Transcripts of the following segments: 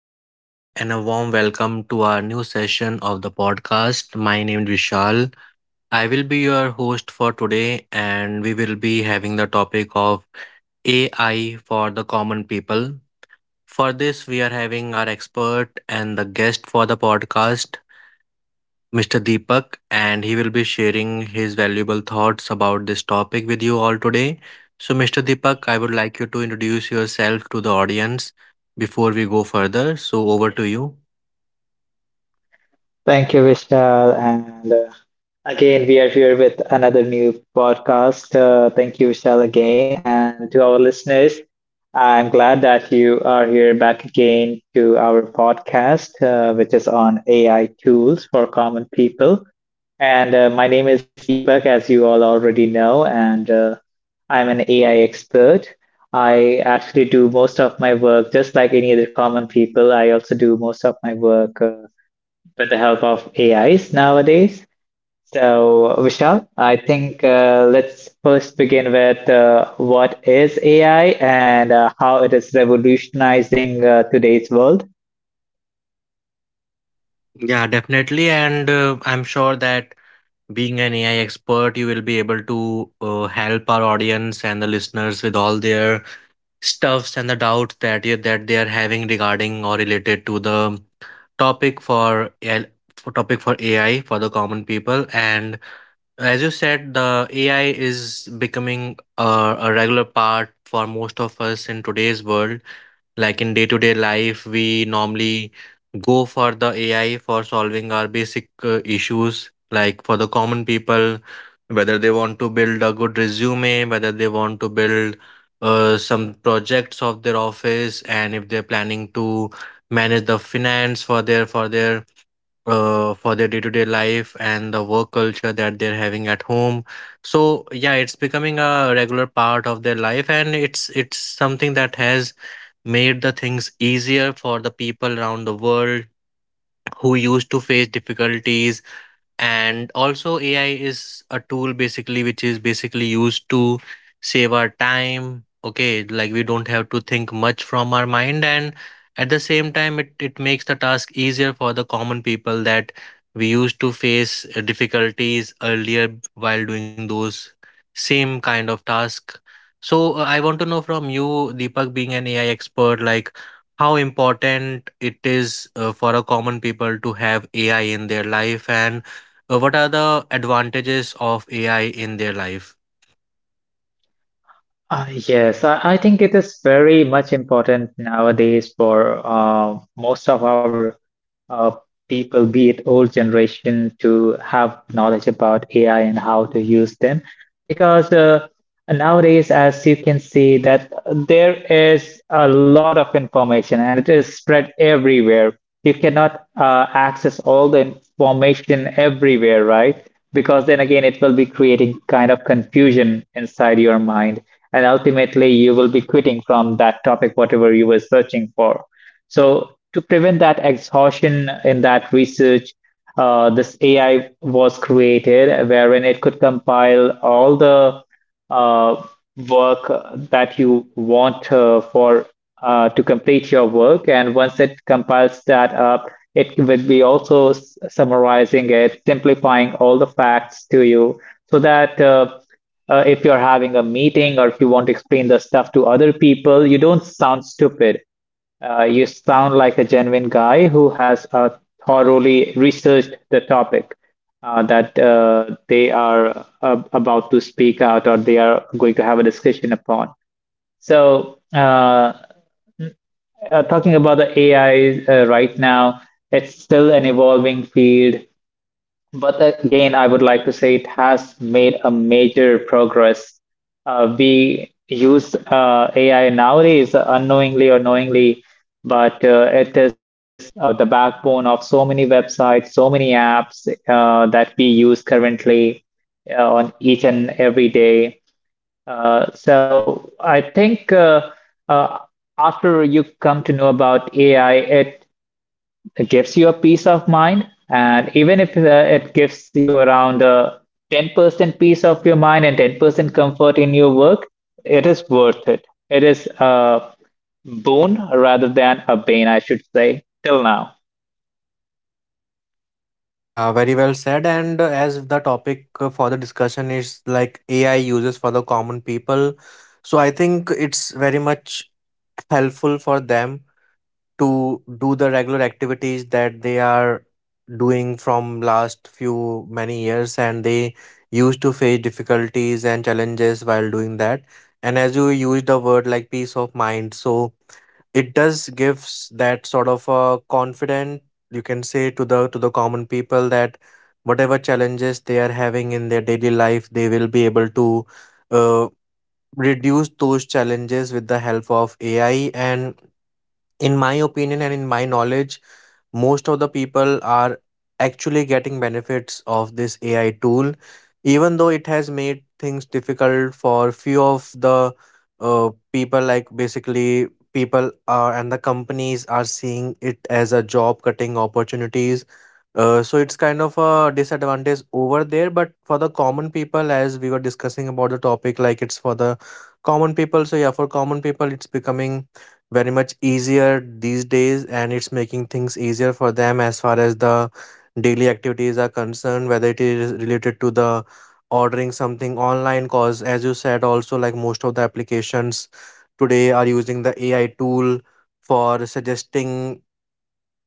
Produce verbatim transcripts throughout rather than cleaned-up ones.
Everyone, and a warm welcome to our new session of the podcast. My name is Vishal. I will be your host for today, and we will be having the topic of A I for the common people. For this, we are having our expert and the guest for the podcast, Mister Deepak, and he will be sharing his valuable thoughts about this topic with you all today. So, Mister Deepak, I would like you to introduce yourself to the audience before we go further. So, over to you. Thank you, Vishal. And uh, again, we are here with another new podcast. Uh, thank you, Vishal, again. And to our listeners, I'm glad that you are here back again to our podcast, uh, which is on A I tools for common people. And uh, My name is Deepak, as you all already know, and uh, I'm an A I expert. I actually do most of my work just like any other common people. I also do most of my work. uh, with the help of A Is nowadays. So, Vishal, I think uh, let's first begin with uh, what is A I and uh, how it is revolutionizing uh, today's world. Yeah, definitely. And uh, I'm sure that being an A I expert, you will be able to uh, help our audience and the listeners with all their stuffs and the doubts that you, that they are having regarding or related to the topic for A I, for topic for A I for the common people. And as you said, the A I is becoming a, a regular part for most of us in today's world, like in day to day life, we normally go for the A I for solving our basic uh, issues, like for the common people, whether they want to build a good resume, whether they want to build uh, some projects of their office, and if they're planning to manage the finance for their for their uh, for their day-to-day life and the work culture that they're having at home. So yeah, it's becoming a regular part of their life, and it's it's something that has made the things easier for the people around the world who used to face difficulties. And also, A I is a tool, basically, which is basically used to save our time. Okay, like we don't have to think much from our mind, and at the same time, it, it makes the task easier for the common people, that we used to face uh, difficulties earlier while doing those same kind of task. So uh, I want to know from you, Deepak, being an AI expert, like how important it is uh, for a common people to have A I in their life, and uh, what are the advantages of A I in their life? Uh, yes, I, I think it is very much important nowadays for uh, most of our uh, people, be it old generation, to have knowledge about A I and how to use them. Because uh, nowadays, as you can see, that there is a lot of information and it is spread everywhere. You cannot uh, access all the information everywhere, right? Because then again, it will be creating kind of confusion inside your mind, and ultimately you will be quitting from that topic whatever you were searching for. So to prevent that exhaustion in that research, uh, this ai was created, wherein it could compile all the uh, work that you want uh, for uh, to complete your work. And once it compiles that up, it will be also s- summarizing it, simplifying all the facts to you so that uh, uh, if you're having a meeting or if you want to explain the stuff to other people, you don't sound stupid. Uh, you sound like a genuine guy who has uh, thoroughly researched the topic uh, that uh, they are uh, about to speak out or they are going to have a discussion upon. So, uh, uh, talking about the A I uh, right now, it's still an evolving field. But again, I would like to say it has made a major progress. Uh, we use uh, A I nowadays unknowingly or knowingly, but uh, it is uh, the backbone of so many websites, so many apps uh, that we use currently uh, on each and every day. Uh, so I think uh, uh, after you come to know about A I, it it gives you a peace of mind, and even if uh, it gives you around uh, ten percent peace of your mind and ten percent comfort in your work, it is worth it. It is a boon rather than a bane, I should say, till now. Yeah, very well said. And uh, as the topic uh, for the discussion is like A I uses for the common people, so I think it's very much helpful for them to do the regular activities that they are doing from last few many years, and they used to face difficulties and challenges while doing that. And as you use the word like peace of mind, so it does gives that sort of a confident, you can say, to the to the common people, that whatever challenges they are having in their daily life, they will be able to uh, reduce those challenges with the help of A I. And in my opinion and in my knowledge, most of the people are actually getting benefits of this A I tool, even though it has made things difficult for few of the uh, people, like basically people are and the companies are seeing it as a job cutting opportunities. Uh, so it's kind of a disadvantage over there, but for the common people, as we were discussing about the topic, like it's for the common people. So yeah, for common people, it's becoming very much easier these days, and it's making things easier for them as far as the daily activities are concerned, whether it is related to the ordering something online, cause as you said, also like most of the applications today are using the A I tool for suggesting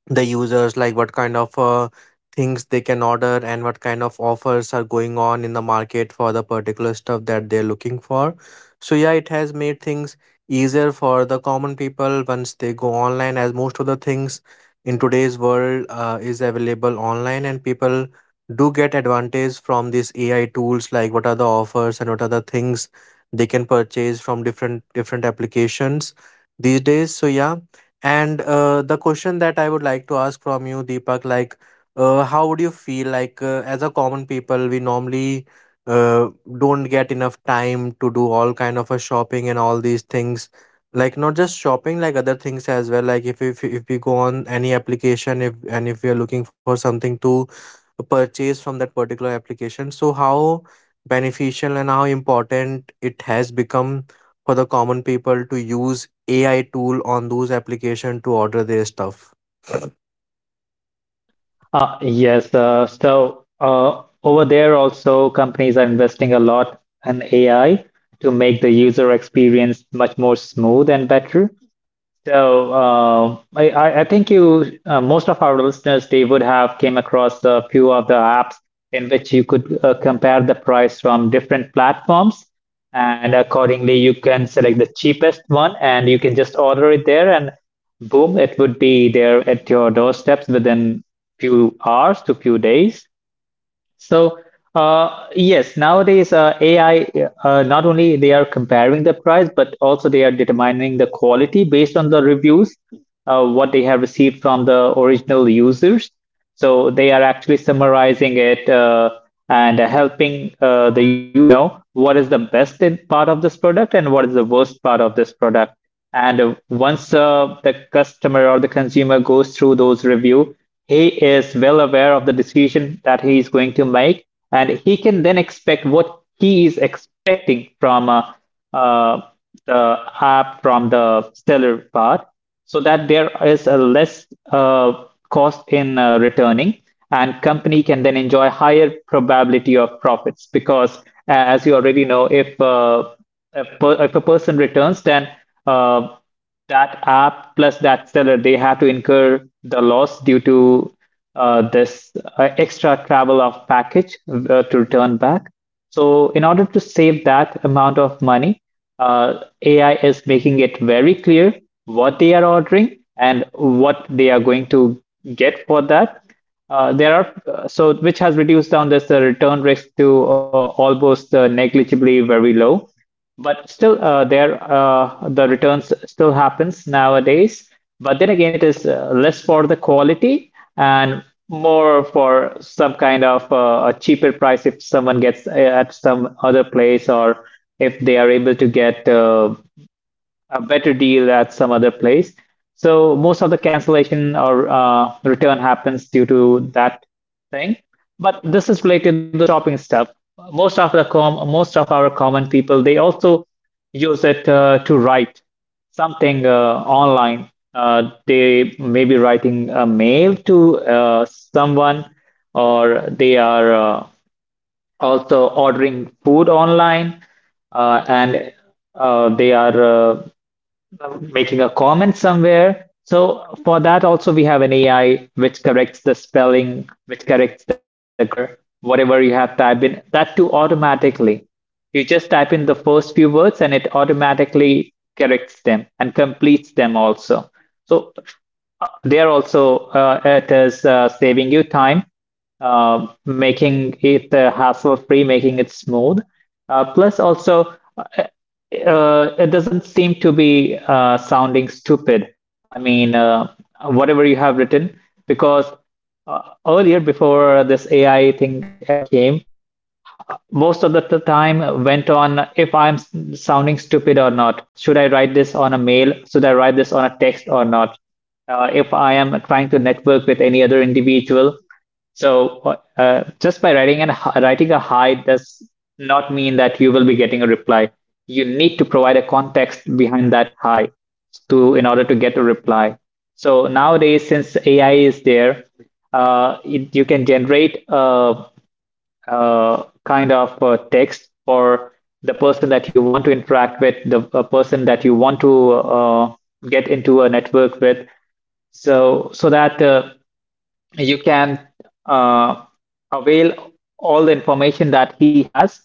the users like what kind of uh, things they can order and what kind of offers are going on in the market for the particular stuff that they're looking for. So yeah, it has made things easier for the common people once they go online, as most of the things in today's world uh, is available online, and people do get advantage from these A I tools, like what are the offers and what are the things they can purchase from different different applications these days. So yeah, and uh, the question that I would like to ask from you, Deepak, like, uh, how would you feel like, uh, as a common people, we normally uh, don't get enough time to do all kind of a shopping and all these things. Like not just shopping, like other things as well. Like if if if we go on any application, if and if we are looking for something to purchase from that particular application, so how beneficial and how important it has become for the common people to use A I tool on those application to order their stuff. Uh, yes, uh, so uh, over there also companies are investing a lot in A I to make the user experience much more smooth and better. So uh, I, I I think you uh, most of our listeners they would have came across a few of the apps in which you could uh, compare the price from different platforms, and accordingly you can select the cheapest one and you can just order it there, and boom, it would be there at your doorsteps within few hours to few days. So, uh, yes, nowadays uh, A I, uh, not only they are comparing the price, but also they are determining the quality based on the reviews, uh, what they have received from the original users. So they are actually summarizing it uh, and helping uh, the user know what is the best in- part of this product and what is the worst part of this product. And uh, once uh, the customer or the consumer goes through those review, he is well aware of the decision that he is going to make, and he can then expect what he is expecting from uh, uh, the app, from the seller part, so that there is a less uh, cost in uh, returning, and company can then enjoy higher probability of profits because, uh, as you already know, if uh, a per- if a person returns, then uh, that app plus that seller, they have to incur the loss due to uh, this uh, extra travel of package uh, to return back. So, in order to save that amount of money, uh, A I is making it very clear what they are ordering and what they are going to get for that. Uh, there are uh, so which has reduced down this the return risk to uh, almost uh, negligibly very low, but still uh, there uh, the returns still happens nowadays. But then again, it is uh, less for the quality and more for some kind of uh, a cheaper price if someone gets uh, at some other place, or if they are able to get uh, a better deal at some other place. So most of the cancellation or uh, return happens due to that thing. But this is related to the shopping stuff. Most of the com most of our common people, they also use it uh, to write something uh, online. Uh, they may be writing a mail to uh, someone, or they are uh, also ordering food online, uh, and uh, they are uh, uh, making a comment somewhere. So for that also we have an A I which corrects the spelling, which corrects the grammar, whatever you have typed in, that too automatically. You just type in the first few words and it automatically corrects them and completes them also. So uh, there also uh, it is uh, saving you time, uh, making it uh, hassle-free, making it smooth. Uh, plus also uh, uh, it doesn't seem to be uh, sounding stupid. I mean, uh, whatever you have written, because uh, earlier before this A I thing ever came, most of the time went on if I'm sounding stupid or not. Should I write this on a mail? Should I write this on a text or not? Uh, if I am trying to network with any other individual. So uh, uh, just by writing and writing a hi does not mean that you will be getting a reply. You need to provide a context behind that hi to in order to get a reply. So nowadays, since A I is there, uh, it, you can generate a uh, kind of uh, text for the person that you want to interact with, the uh, person that you want to uh, get into a network with, so so that uh, you can uh, avail all the information that he has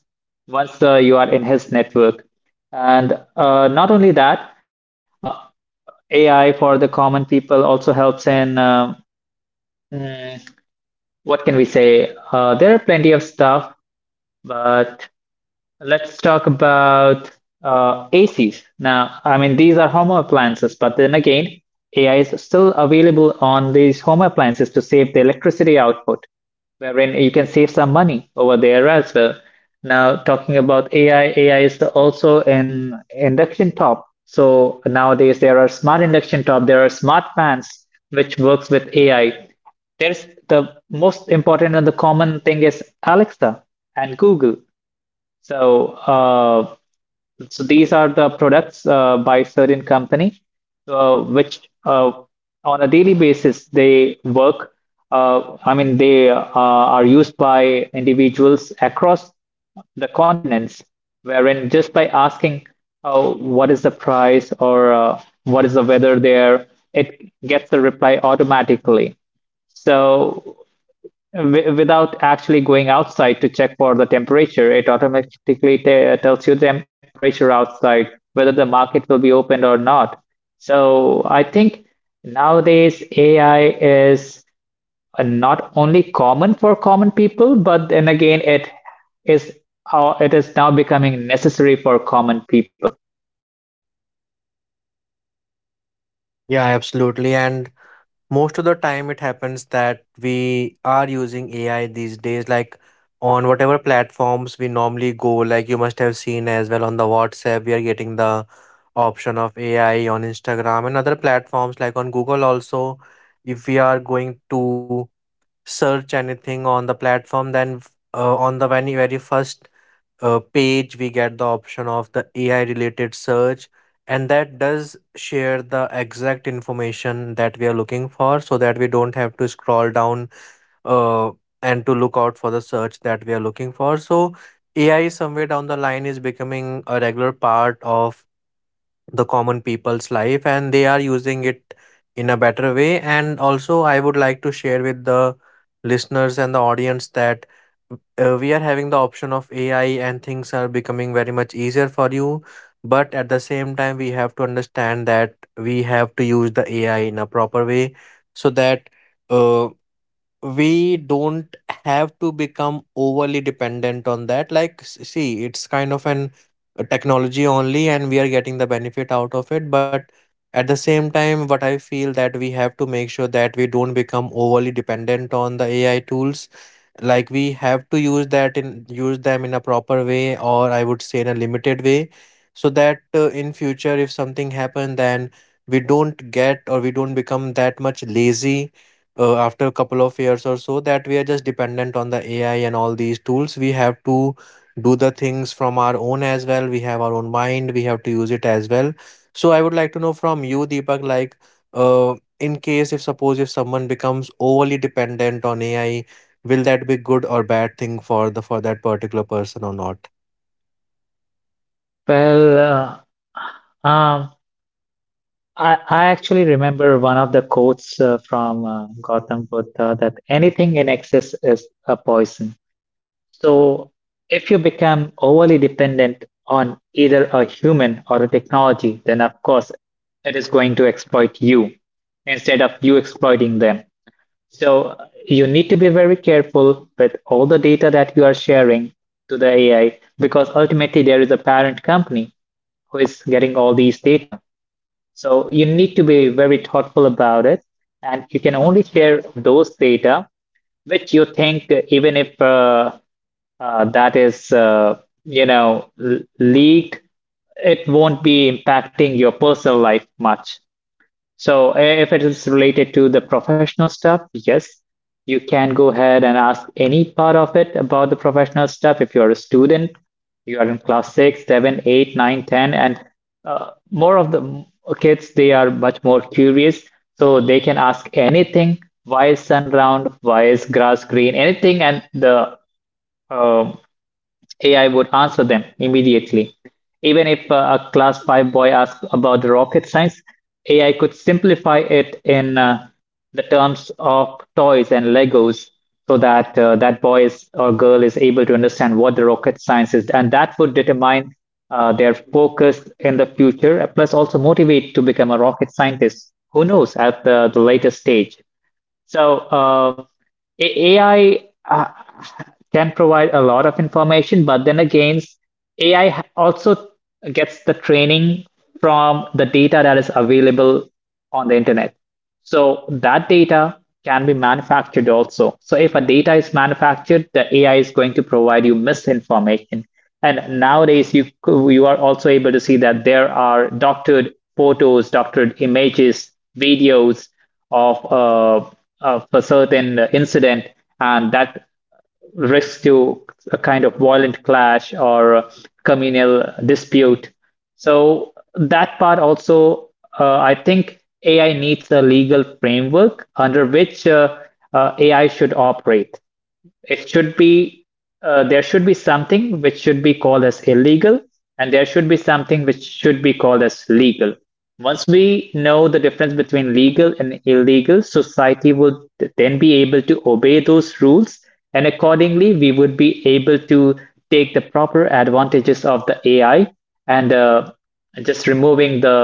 once uh, you are in his network. And uh, not only that, uh, A I for the common people also helps in um, mm, what can we say? Uh, there are plenty of stuff, but let's talk about uh, A Cs. Now, I mean, these are home appliances, but then again, A I is still available on these home appliances to save the electricity output, wherein you can save some money over there as well. Now, talking about A I, A I is also in induction top. So nowadays, there are smart induction top, there are smart fans, which works with A I. There's the most important and the common thing is Alexa and Google. So, uh, so these are the products uh, by certain company, uh, which uh, on a daily basis they work. Uh, I mean, they uh, are used by individuals across the continents, wherein just by asking, oh, what is the price or uh, what is the weather there, it gets a reply automatically. So w- without actually going outside to check for the temperature, it automatically te- tells you the tem- temperature outside, whether the market will be opened or not. So I think nowadays A I is uh, not only common for common people, but then again, it is how it is now becoming necessary for common people. Yeah, absolutely. And most of the time it happens that we are using A I these days, like on whatever platforms we normally go, like you must have seen as well on the WhatsApp, we are getting the option of A I on Instagram and other platforms like on Google also. If we are going to search anything on the platform, then uh, on the very, very first uh, page we get the option of the A I related search, and that does share the exact information that we are looking for, so that we don't have to scroll down uh, and to look out for the search that we are looking for. So A I, somewhere down the line, is becoming a regular part of the common people's life, and they are using it in a better way. And also I would like to share with the listeners and the audience that uh, we are having the option of AI and things are becoming very much easier for you, but at the same time we have to understand that we have to use the A I in a proper way, so that uh, we don't have to become overly dependent on that. Like s- see, it's kind of an a technology only, and we are getting the benefit out of it, but at the same time what I feel, that we have to make sure that we don't become overly dependent on the A I tools. Like we have to use that in use them in a proper way, or I would say in a limited way, so that uh, in future if something happen, then we don't get or we don't become that much lazy uh, after a couple of years or so, that we are just dependent on the AI and all these tools. We have to do the things from our own as well. We have our own mind, we have to use it as well. So I would like to know from you, Deepak, like uh, in case if suppose if someone becomes overly dependent on A I, will that be good or bad thing for the for that particular person or not. Well, uh, um, I, I actually remember one of the quotes uh, from uh, Gautam Buddha that anything in excess is a poison. So, if you become overly dependent on either a human or a technology, then of course it is going to exploit you instead of you exploiting them. So, you need to be very careful with all the data that you are sharing to the A I, because ultimately there is a parent company who is getting all these data. So you need to be very thoughtful about it, and you can only share those data which you think, uh, even if uh, uh, that is, uh, you know, l- leaked, it won't be impacting your personal life much. So if it is related to the professional stuff, yes, you can go ahead and ask any part of it about the professional stuff. If you're a student, you are in class six, seven, eight, nine, ten, and uh, more of the kids, they are much more curious. So they can ask anything. Why is sun round? Why is grass green? Anything, and the uh, A I would answer them immediately. Even if uh, a class five boy asked about the rocket science, A I could simplify it in uh, the terms of toys and Legos so that uh, that boy is, or girl is able to understand what the rocket science is. And that would determine uh, their focus in the future, plus also motivate to become a rocket scientist. Who knows at the, the later stage? So, uh, A- AI uh, can provide a lot of information, but then again, A I ha- also gets the training from the data that is available on the internet. So that data can be manufactured also. So if a data is manufactured, the A I is going to provide you misinformation. And nowadays, you you are also able to see that there are doctored photos, doctored images, videos of uh, of a certain incident, and that rescue a kind of violent clash or communal dispute. So that part also, uh, I think A I needs a legal framework under which uh, uh, A I should operate. It should be uh, there should be something which should be called as illegal, and there should be something which should be called as legal. Once we know the difference between legal and illegal, society would then be able to obey those rules, and accordingly we would be able to take the proper advantages of the ai. And uh, Just removing the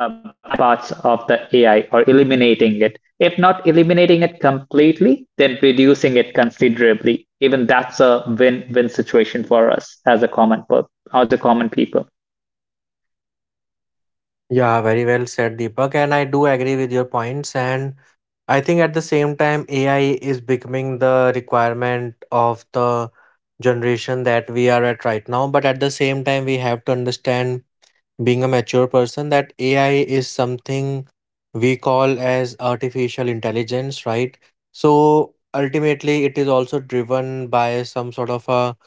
uh, bad parts of the A I or eliminating it. If not eliminating it completely, then reducing it considerably. Even that's a win-win situation for us as a common per- as a common people. Yeah, very well said, Deepak, and I do agree with your points. And I think at the same time A I is becoming the requirement of the generation that we are at right now, but at the same time we have to understand, being a mature person, that A I is something we call as artificial intelligence, right? So ultimately it is also driven by some sort of a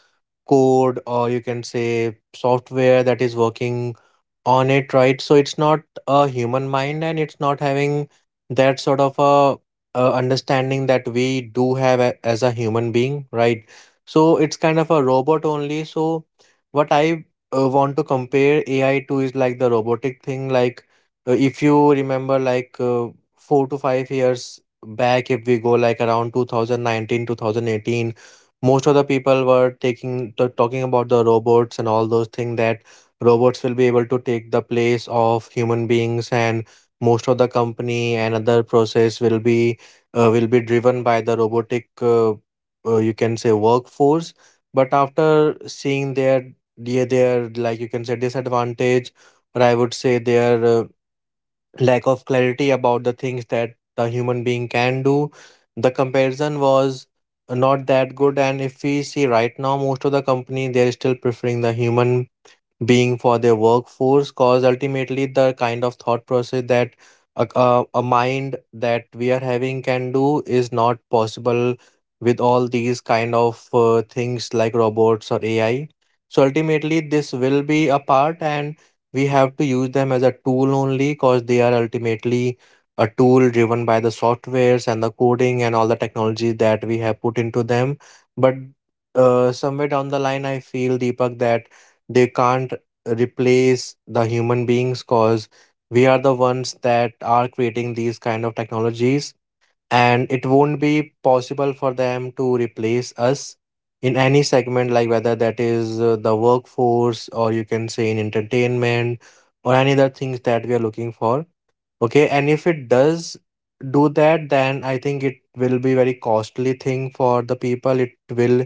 code, or you can say software, that is working on it, right? So it's not a human mind, and it's not having that sort of a, uh understanding that we do have a, as a human being, right? So it's kind of a robot only. So what I uh, want to compare A I to is like the robotic thing. Like uh, if you remember, like uh, four to five years back, if we go like around two thousand nineteen, two thousand eighteen, most of the people were taking the talking about the robots and all those things, that robots will be able to take the place of human beings, and most of the company and other process will be uh, will be driven by the robotic uh, uh, you can say workforce. But after seeing their their, their like you can say disadvantage, or I would say their uh, lack of clarity about the things that the human being can do. The comparison was not that good, and if we see right now, most of the company they are still preferring the human being for their workforce cause ultimately the kind of thought process that a, a, a mind that we are having can do is not possible with all these kind of uh, things like robots or ai, so ultimately this will be a part and we have to use them as a tool only because they are ultimately a tool driven by the softwares and the coding and all the technology that we have put into them. But uh, somewhere down the line I feel Deepak that they can't replace the human beings because we are the ones that are creating these kind of technologies, and it won't be possible for them to replace us in any segment, like whether that is uh, the workforce or you can say in entertainment or any other things that we are looking for. Okay, and if it does do that, then I think it will be very costly thing for the people. It will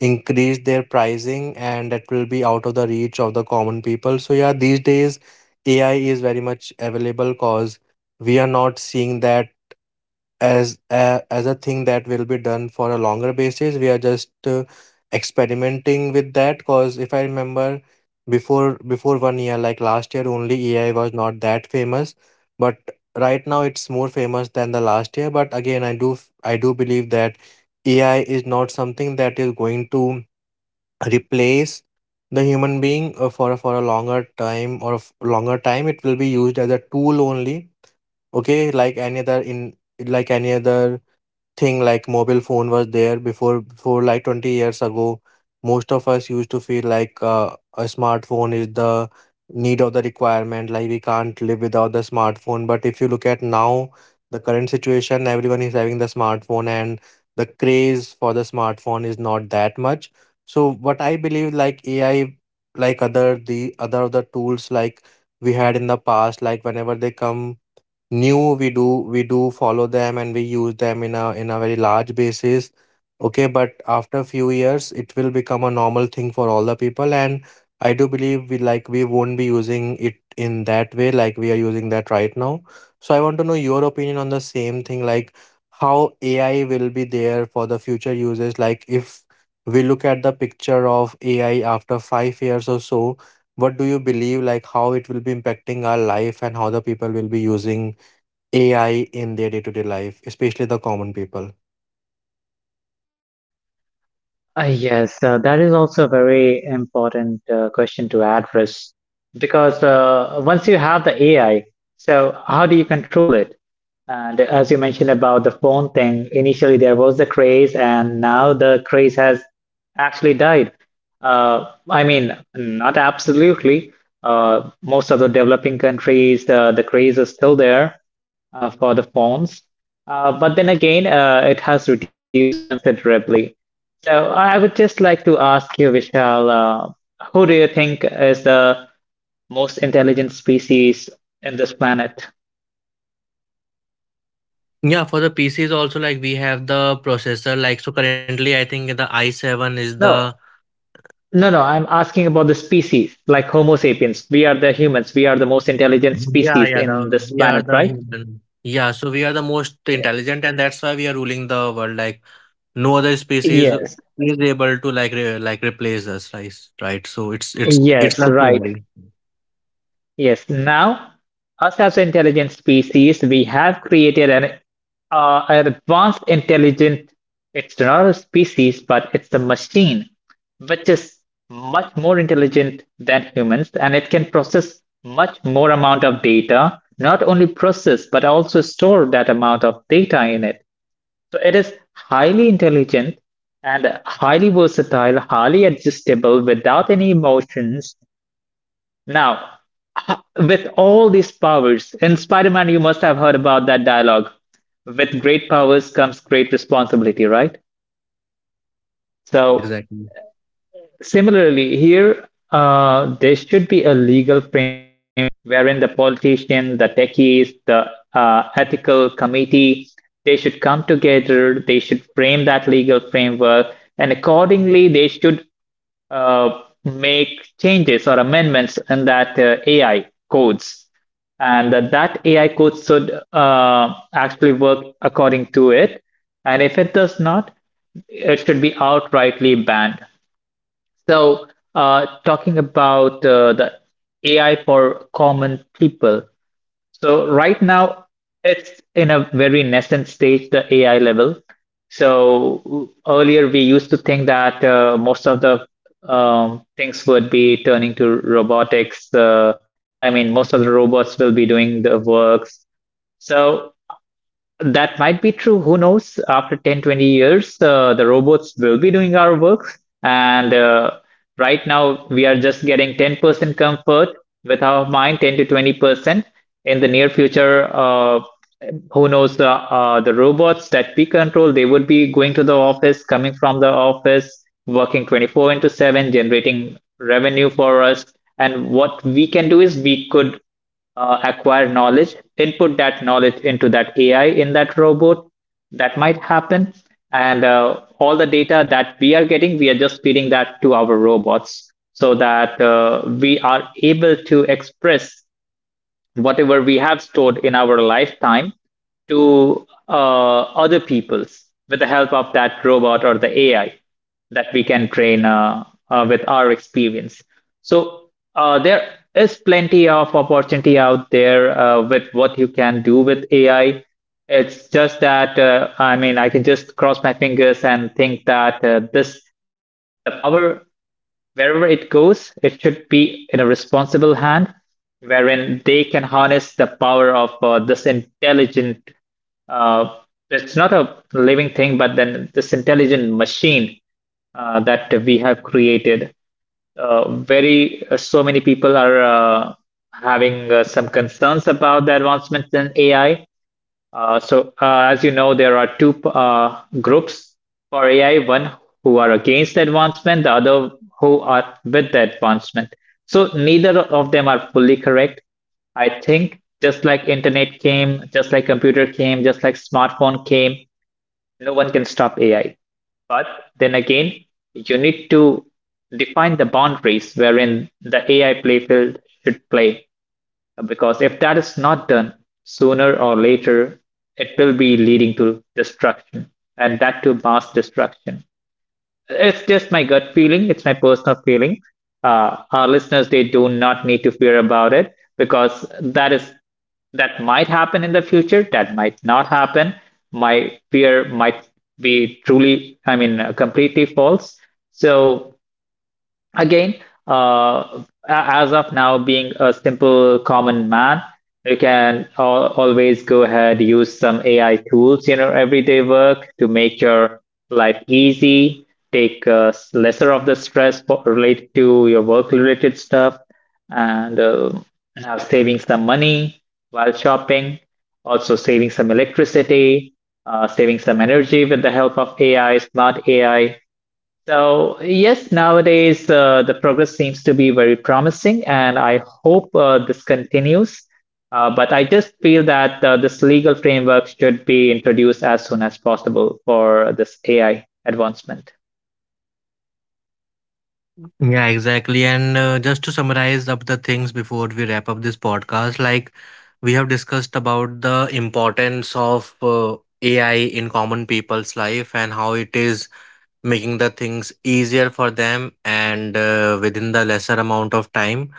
increase their pricing and it will be out of the reach of the common people. So yeah, these days A I is very much available cause we are not seeing that as a, as a thing that will be done for a longer basis. We are just uh, experimenting with that because if I remember before before one year, like last year only, A I was not that famous, but right now it's more famous than the last year. But again, i do f- I do believe that ai is not something that is going to replace the human being uh, for a- for a longer time, or f- longer time it will be used as a tool only. Okay, like any other in like any other thing, like mobile phone was there before before like twenty years ago, most of us used to feel like uh, a smartphone is the need of the requirement, like we can't live without the smartphone. But if you look at now the current situation, everyone is having the smartphone and the craze for the smartphone is not that much. So what I believe, like ai, like other the other of the tools like we had in the past, like whenever they come new, we do we do follow them and we use them in a in a very large basis. Okay, but after a few years it will become a normal thing for all the people, and I do believe we like we won't be using it in that way like we are using that right now. So I want to know your opinion on the same thing, like how ai will be there for the future uses. Like if we look at the picture of ai after five years or so, what do you believe, like how it will be impacting our life and how the people will be using A I in their day-to-day life, especially the common people. Uh, yes, uh, that is also a very important uh, question to address because uh, once you have the A I, so how do you control it? And as you mentioned about the phone thing, initially there was the craze, and now the craze has actually died. Uh, I mean, not absolutely. Uh, most of the developing countries, uh, the craze is still there uh, for the phones. Uh, but then again, uh, it has reduced considerably. So I would just like to ask you, Vishal, uh, who do you think is the most intelligent species in this planet? Yeah, for the P Cs also, like we have the processor, like so currently I think the i seven is the. No, no, no. I'm asking about the species, like Homo sapiens. We are the humans. We are the most intelligent Yeah, species yeah, the in this we are planet, the right? human, yeah, so we are the most intelligent and that's why we are ruling the world, like no other species Yes, is able to like re- like replace us, right? Right, so it's it's it's yes, not right. only. Yes. Now, us as an intelligent species, we have created an uh, an advanced intelligent, it's not a species but it's a machine which is much more intelligent than humans, and it can process much more amount of data, not only process but also store that amount of data in it. So it is highly intelligent and highly versatile, highly adjustable, without any emotions. Now, h- with all these powers, in Spider-Man, you must have heard about that dialogue. With great powers comes great responsibility, right? Yeah, So, exactly. similarly, here, uh, there should be a legal framework wherein the politician, the techies, the uh, ethical committee, they should come together, they should frame that legal framework, and accordingly, they should uh, make changes or amendments in that uh, A I codes, and that that A I code should uh, actually work according to it. And if it does not, it should be outrightly banned. So, uh, talking about uh, the A I for common people, so right now it's in a very nascent stage, the A I level. So earlier we used to think that uh, most of the um, things would be turning to robotics. Uh, I mean, most of the robots will be doing the works. So that might be true. Who knows? After ten, twenty years, uh, the robots will be doing our work. And uh, right now, we are just getting ten percent comfort with our mind, ten to twenty percent. In the near future, uh, who knows? The, uh, the robots that we control, they would be going to the office, coming from the office, working twenty-four into seven, generating revenue for us. And what we can do is we could uh, acquire knowledge, input that knowledge into that A I in that robot. That might happen. And uh, all the data that we are getting, we are just feeding that to our robots so that uh, we are able to express whatever we have stored in our lifetime to uh, other people's with the help of that robot or the A I that we can train uh, uh, with our experience. So uh, there is plenty of opportunity out there uh, with what you can do with A I. It's just that uh, I mean I can just cross my fingers and think that uh, this the power wherever it goes, it should be in a responsible hand wherein they can harness the power of uh, this intelligent uh, it's not a living thing, but then this intelligent machine uh, that we have created. Uh, very uh, So many people are uh, having uh, some concerns about the advancements in A I, uh, so, uh, as you know, there are two uh, groups for A I, one who are against the advancement, the other who are with the advancement. So, neither of them are fully correct. I think just like internet came, just like computer came, just like smartphone came, no one can stop A I. But then again, you need to define the boundaries wherein the A I playfield should play. Because if that is not done, sooner or later, it will be leading to destruction, and that to mass destruction. It's just my gut feeling, it's my personal feeling. Uh, our listeners, they do not need to fear about it because that is that might happen in the future, that might not happen. My fear might be truly, I mean, uh, completely false. So again, uh, a- as of now, being a simple common man, you can al always go ahead use some A I tools in your everyday work to make your life easy, take uh, s- lesser of the stress for, related to your work-related stuff, and uh, have saving some money while shopping, also saving some electricity, uh, saving some energy with the help of A I, smart A I, so, yes, nowadays uh, the progress seems to be very promising, and I hope uh, this continues. Uh, but I just feel that uh, this legal framework should be introduced as soon as possible for this A I advancement. Yeah, exactly. And uh, just to summarize up the things before we wrap up this podcast, like we have discussed about the importance of uh, A I in common people's life and how it is making the things easier for them and uh, within the lesser amount of time.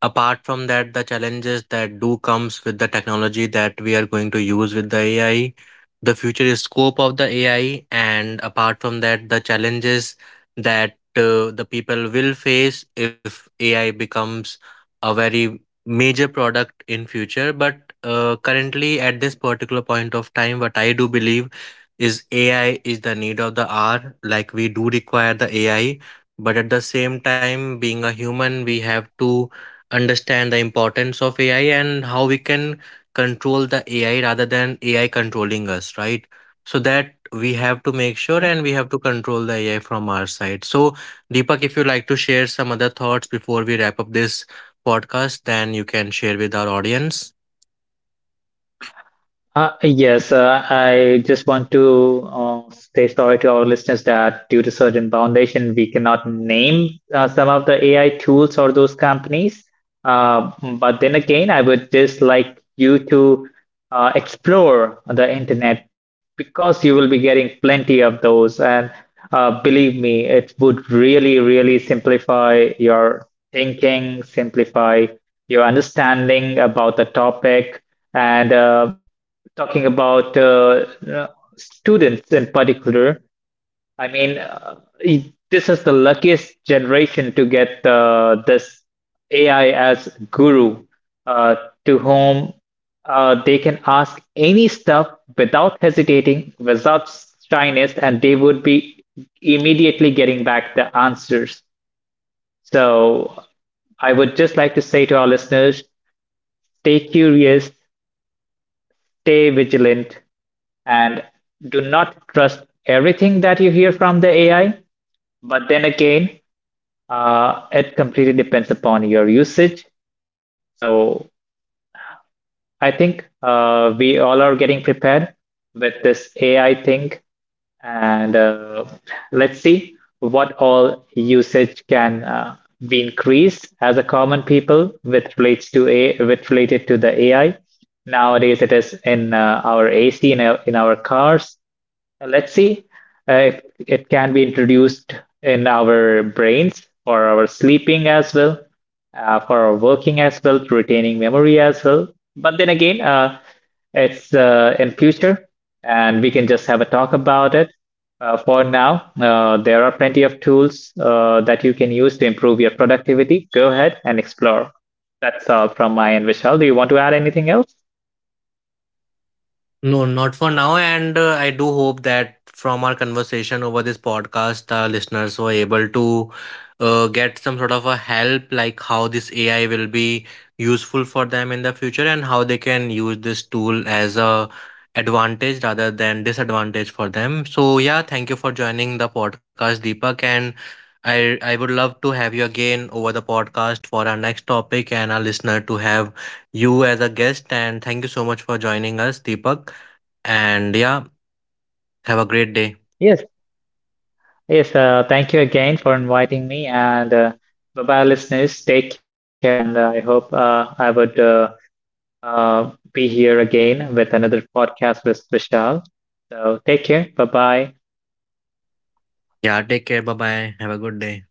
Apart from that, the challenges that do comes with the technology that we are going to use with the A I, the future is scope of the A I, and apart from that, the challenges that uh, the people will face if A I becomes a very major product in future. But uh, currently, at this particular point of time, what I do believe is A I is the need of the hour. Like we do require the A I, but at the same time, being a human, we have to understand the importance of A I and how we can control the A I rather than A I controlling us, right? So that we have to make sure and we have to control the A I from our side. So, Deepak, if you like to share some other thoughts before we wrap up this podcast, then you can share with our audience. Uh, yes, uh, I just want to uh, say sorry to our listeners that due to certain foundation, we cannot name uh, some of the A I tools or those companies. Uh, but then again, I would just like you to uh, explore the internet because you will be getting plenty of those. And uh, believe me, it would really, really simplify your thinking, simplify your understanding about the topic. And uh, talking about uh, uh, students in particular. I mean, uh, it- this is the luckiest generation to get uh, this A I as guru, uh, to whom uh, they can ask any stuff without hesitating, without shyness, and they would be immediately getting back the answers. So I would just like to say to our listeners, stay curious, stay vigilant, and do not trust everything that you hear from the A I. But then again, uh, it completely depends upon your usage. So I think uh, we all are getting prepared with this A I thing. And uh, let's see what all usage can uh, be increased as a common people with relates to a with related to the A I. Nowadays, it is in uh, our A C in our, in our cars. Let's see uh, if it can be introduced in our brains for our sleeping as well, uh, for our working as well, to retaining memory as well. But then again, uh, it's uh, in future, and we can just have a talk about it. Uh, for now, uh, there are plenty of tools uh, that you can use to improve your productivity. Go ahead and explore. That's all from my end, Vishal. Do you want to add anything else? No, not for now. And uh, I do hope that from our conversation over this podcast, the listeners were able to uh, get some sort of a help, like how this A I will be useful for them in the future and how they can use this tool as a advantage rather than disadvantage for them. So yeah, thank you for joining the podcast, Deepak. And I I would love to have you again over the podcast for our next topic and our listener to have you as a guest. And thank you so much for joining us, Deepak. And yeah, have a great day. Yes. Yes, uh, thank you again for inviting me. And uh, bye-bye, listeners. Take care. And uh, I hope uh, I would uh, uh, be here again with another podcast with Vishal. So take care. Bye-bye. Yeah, take care. Bye bye. Have a good day.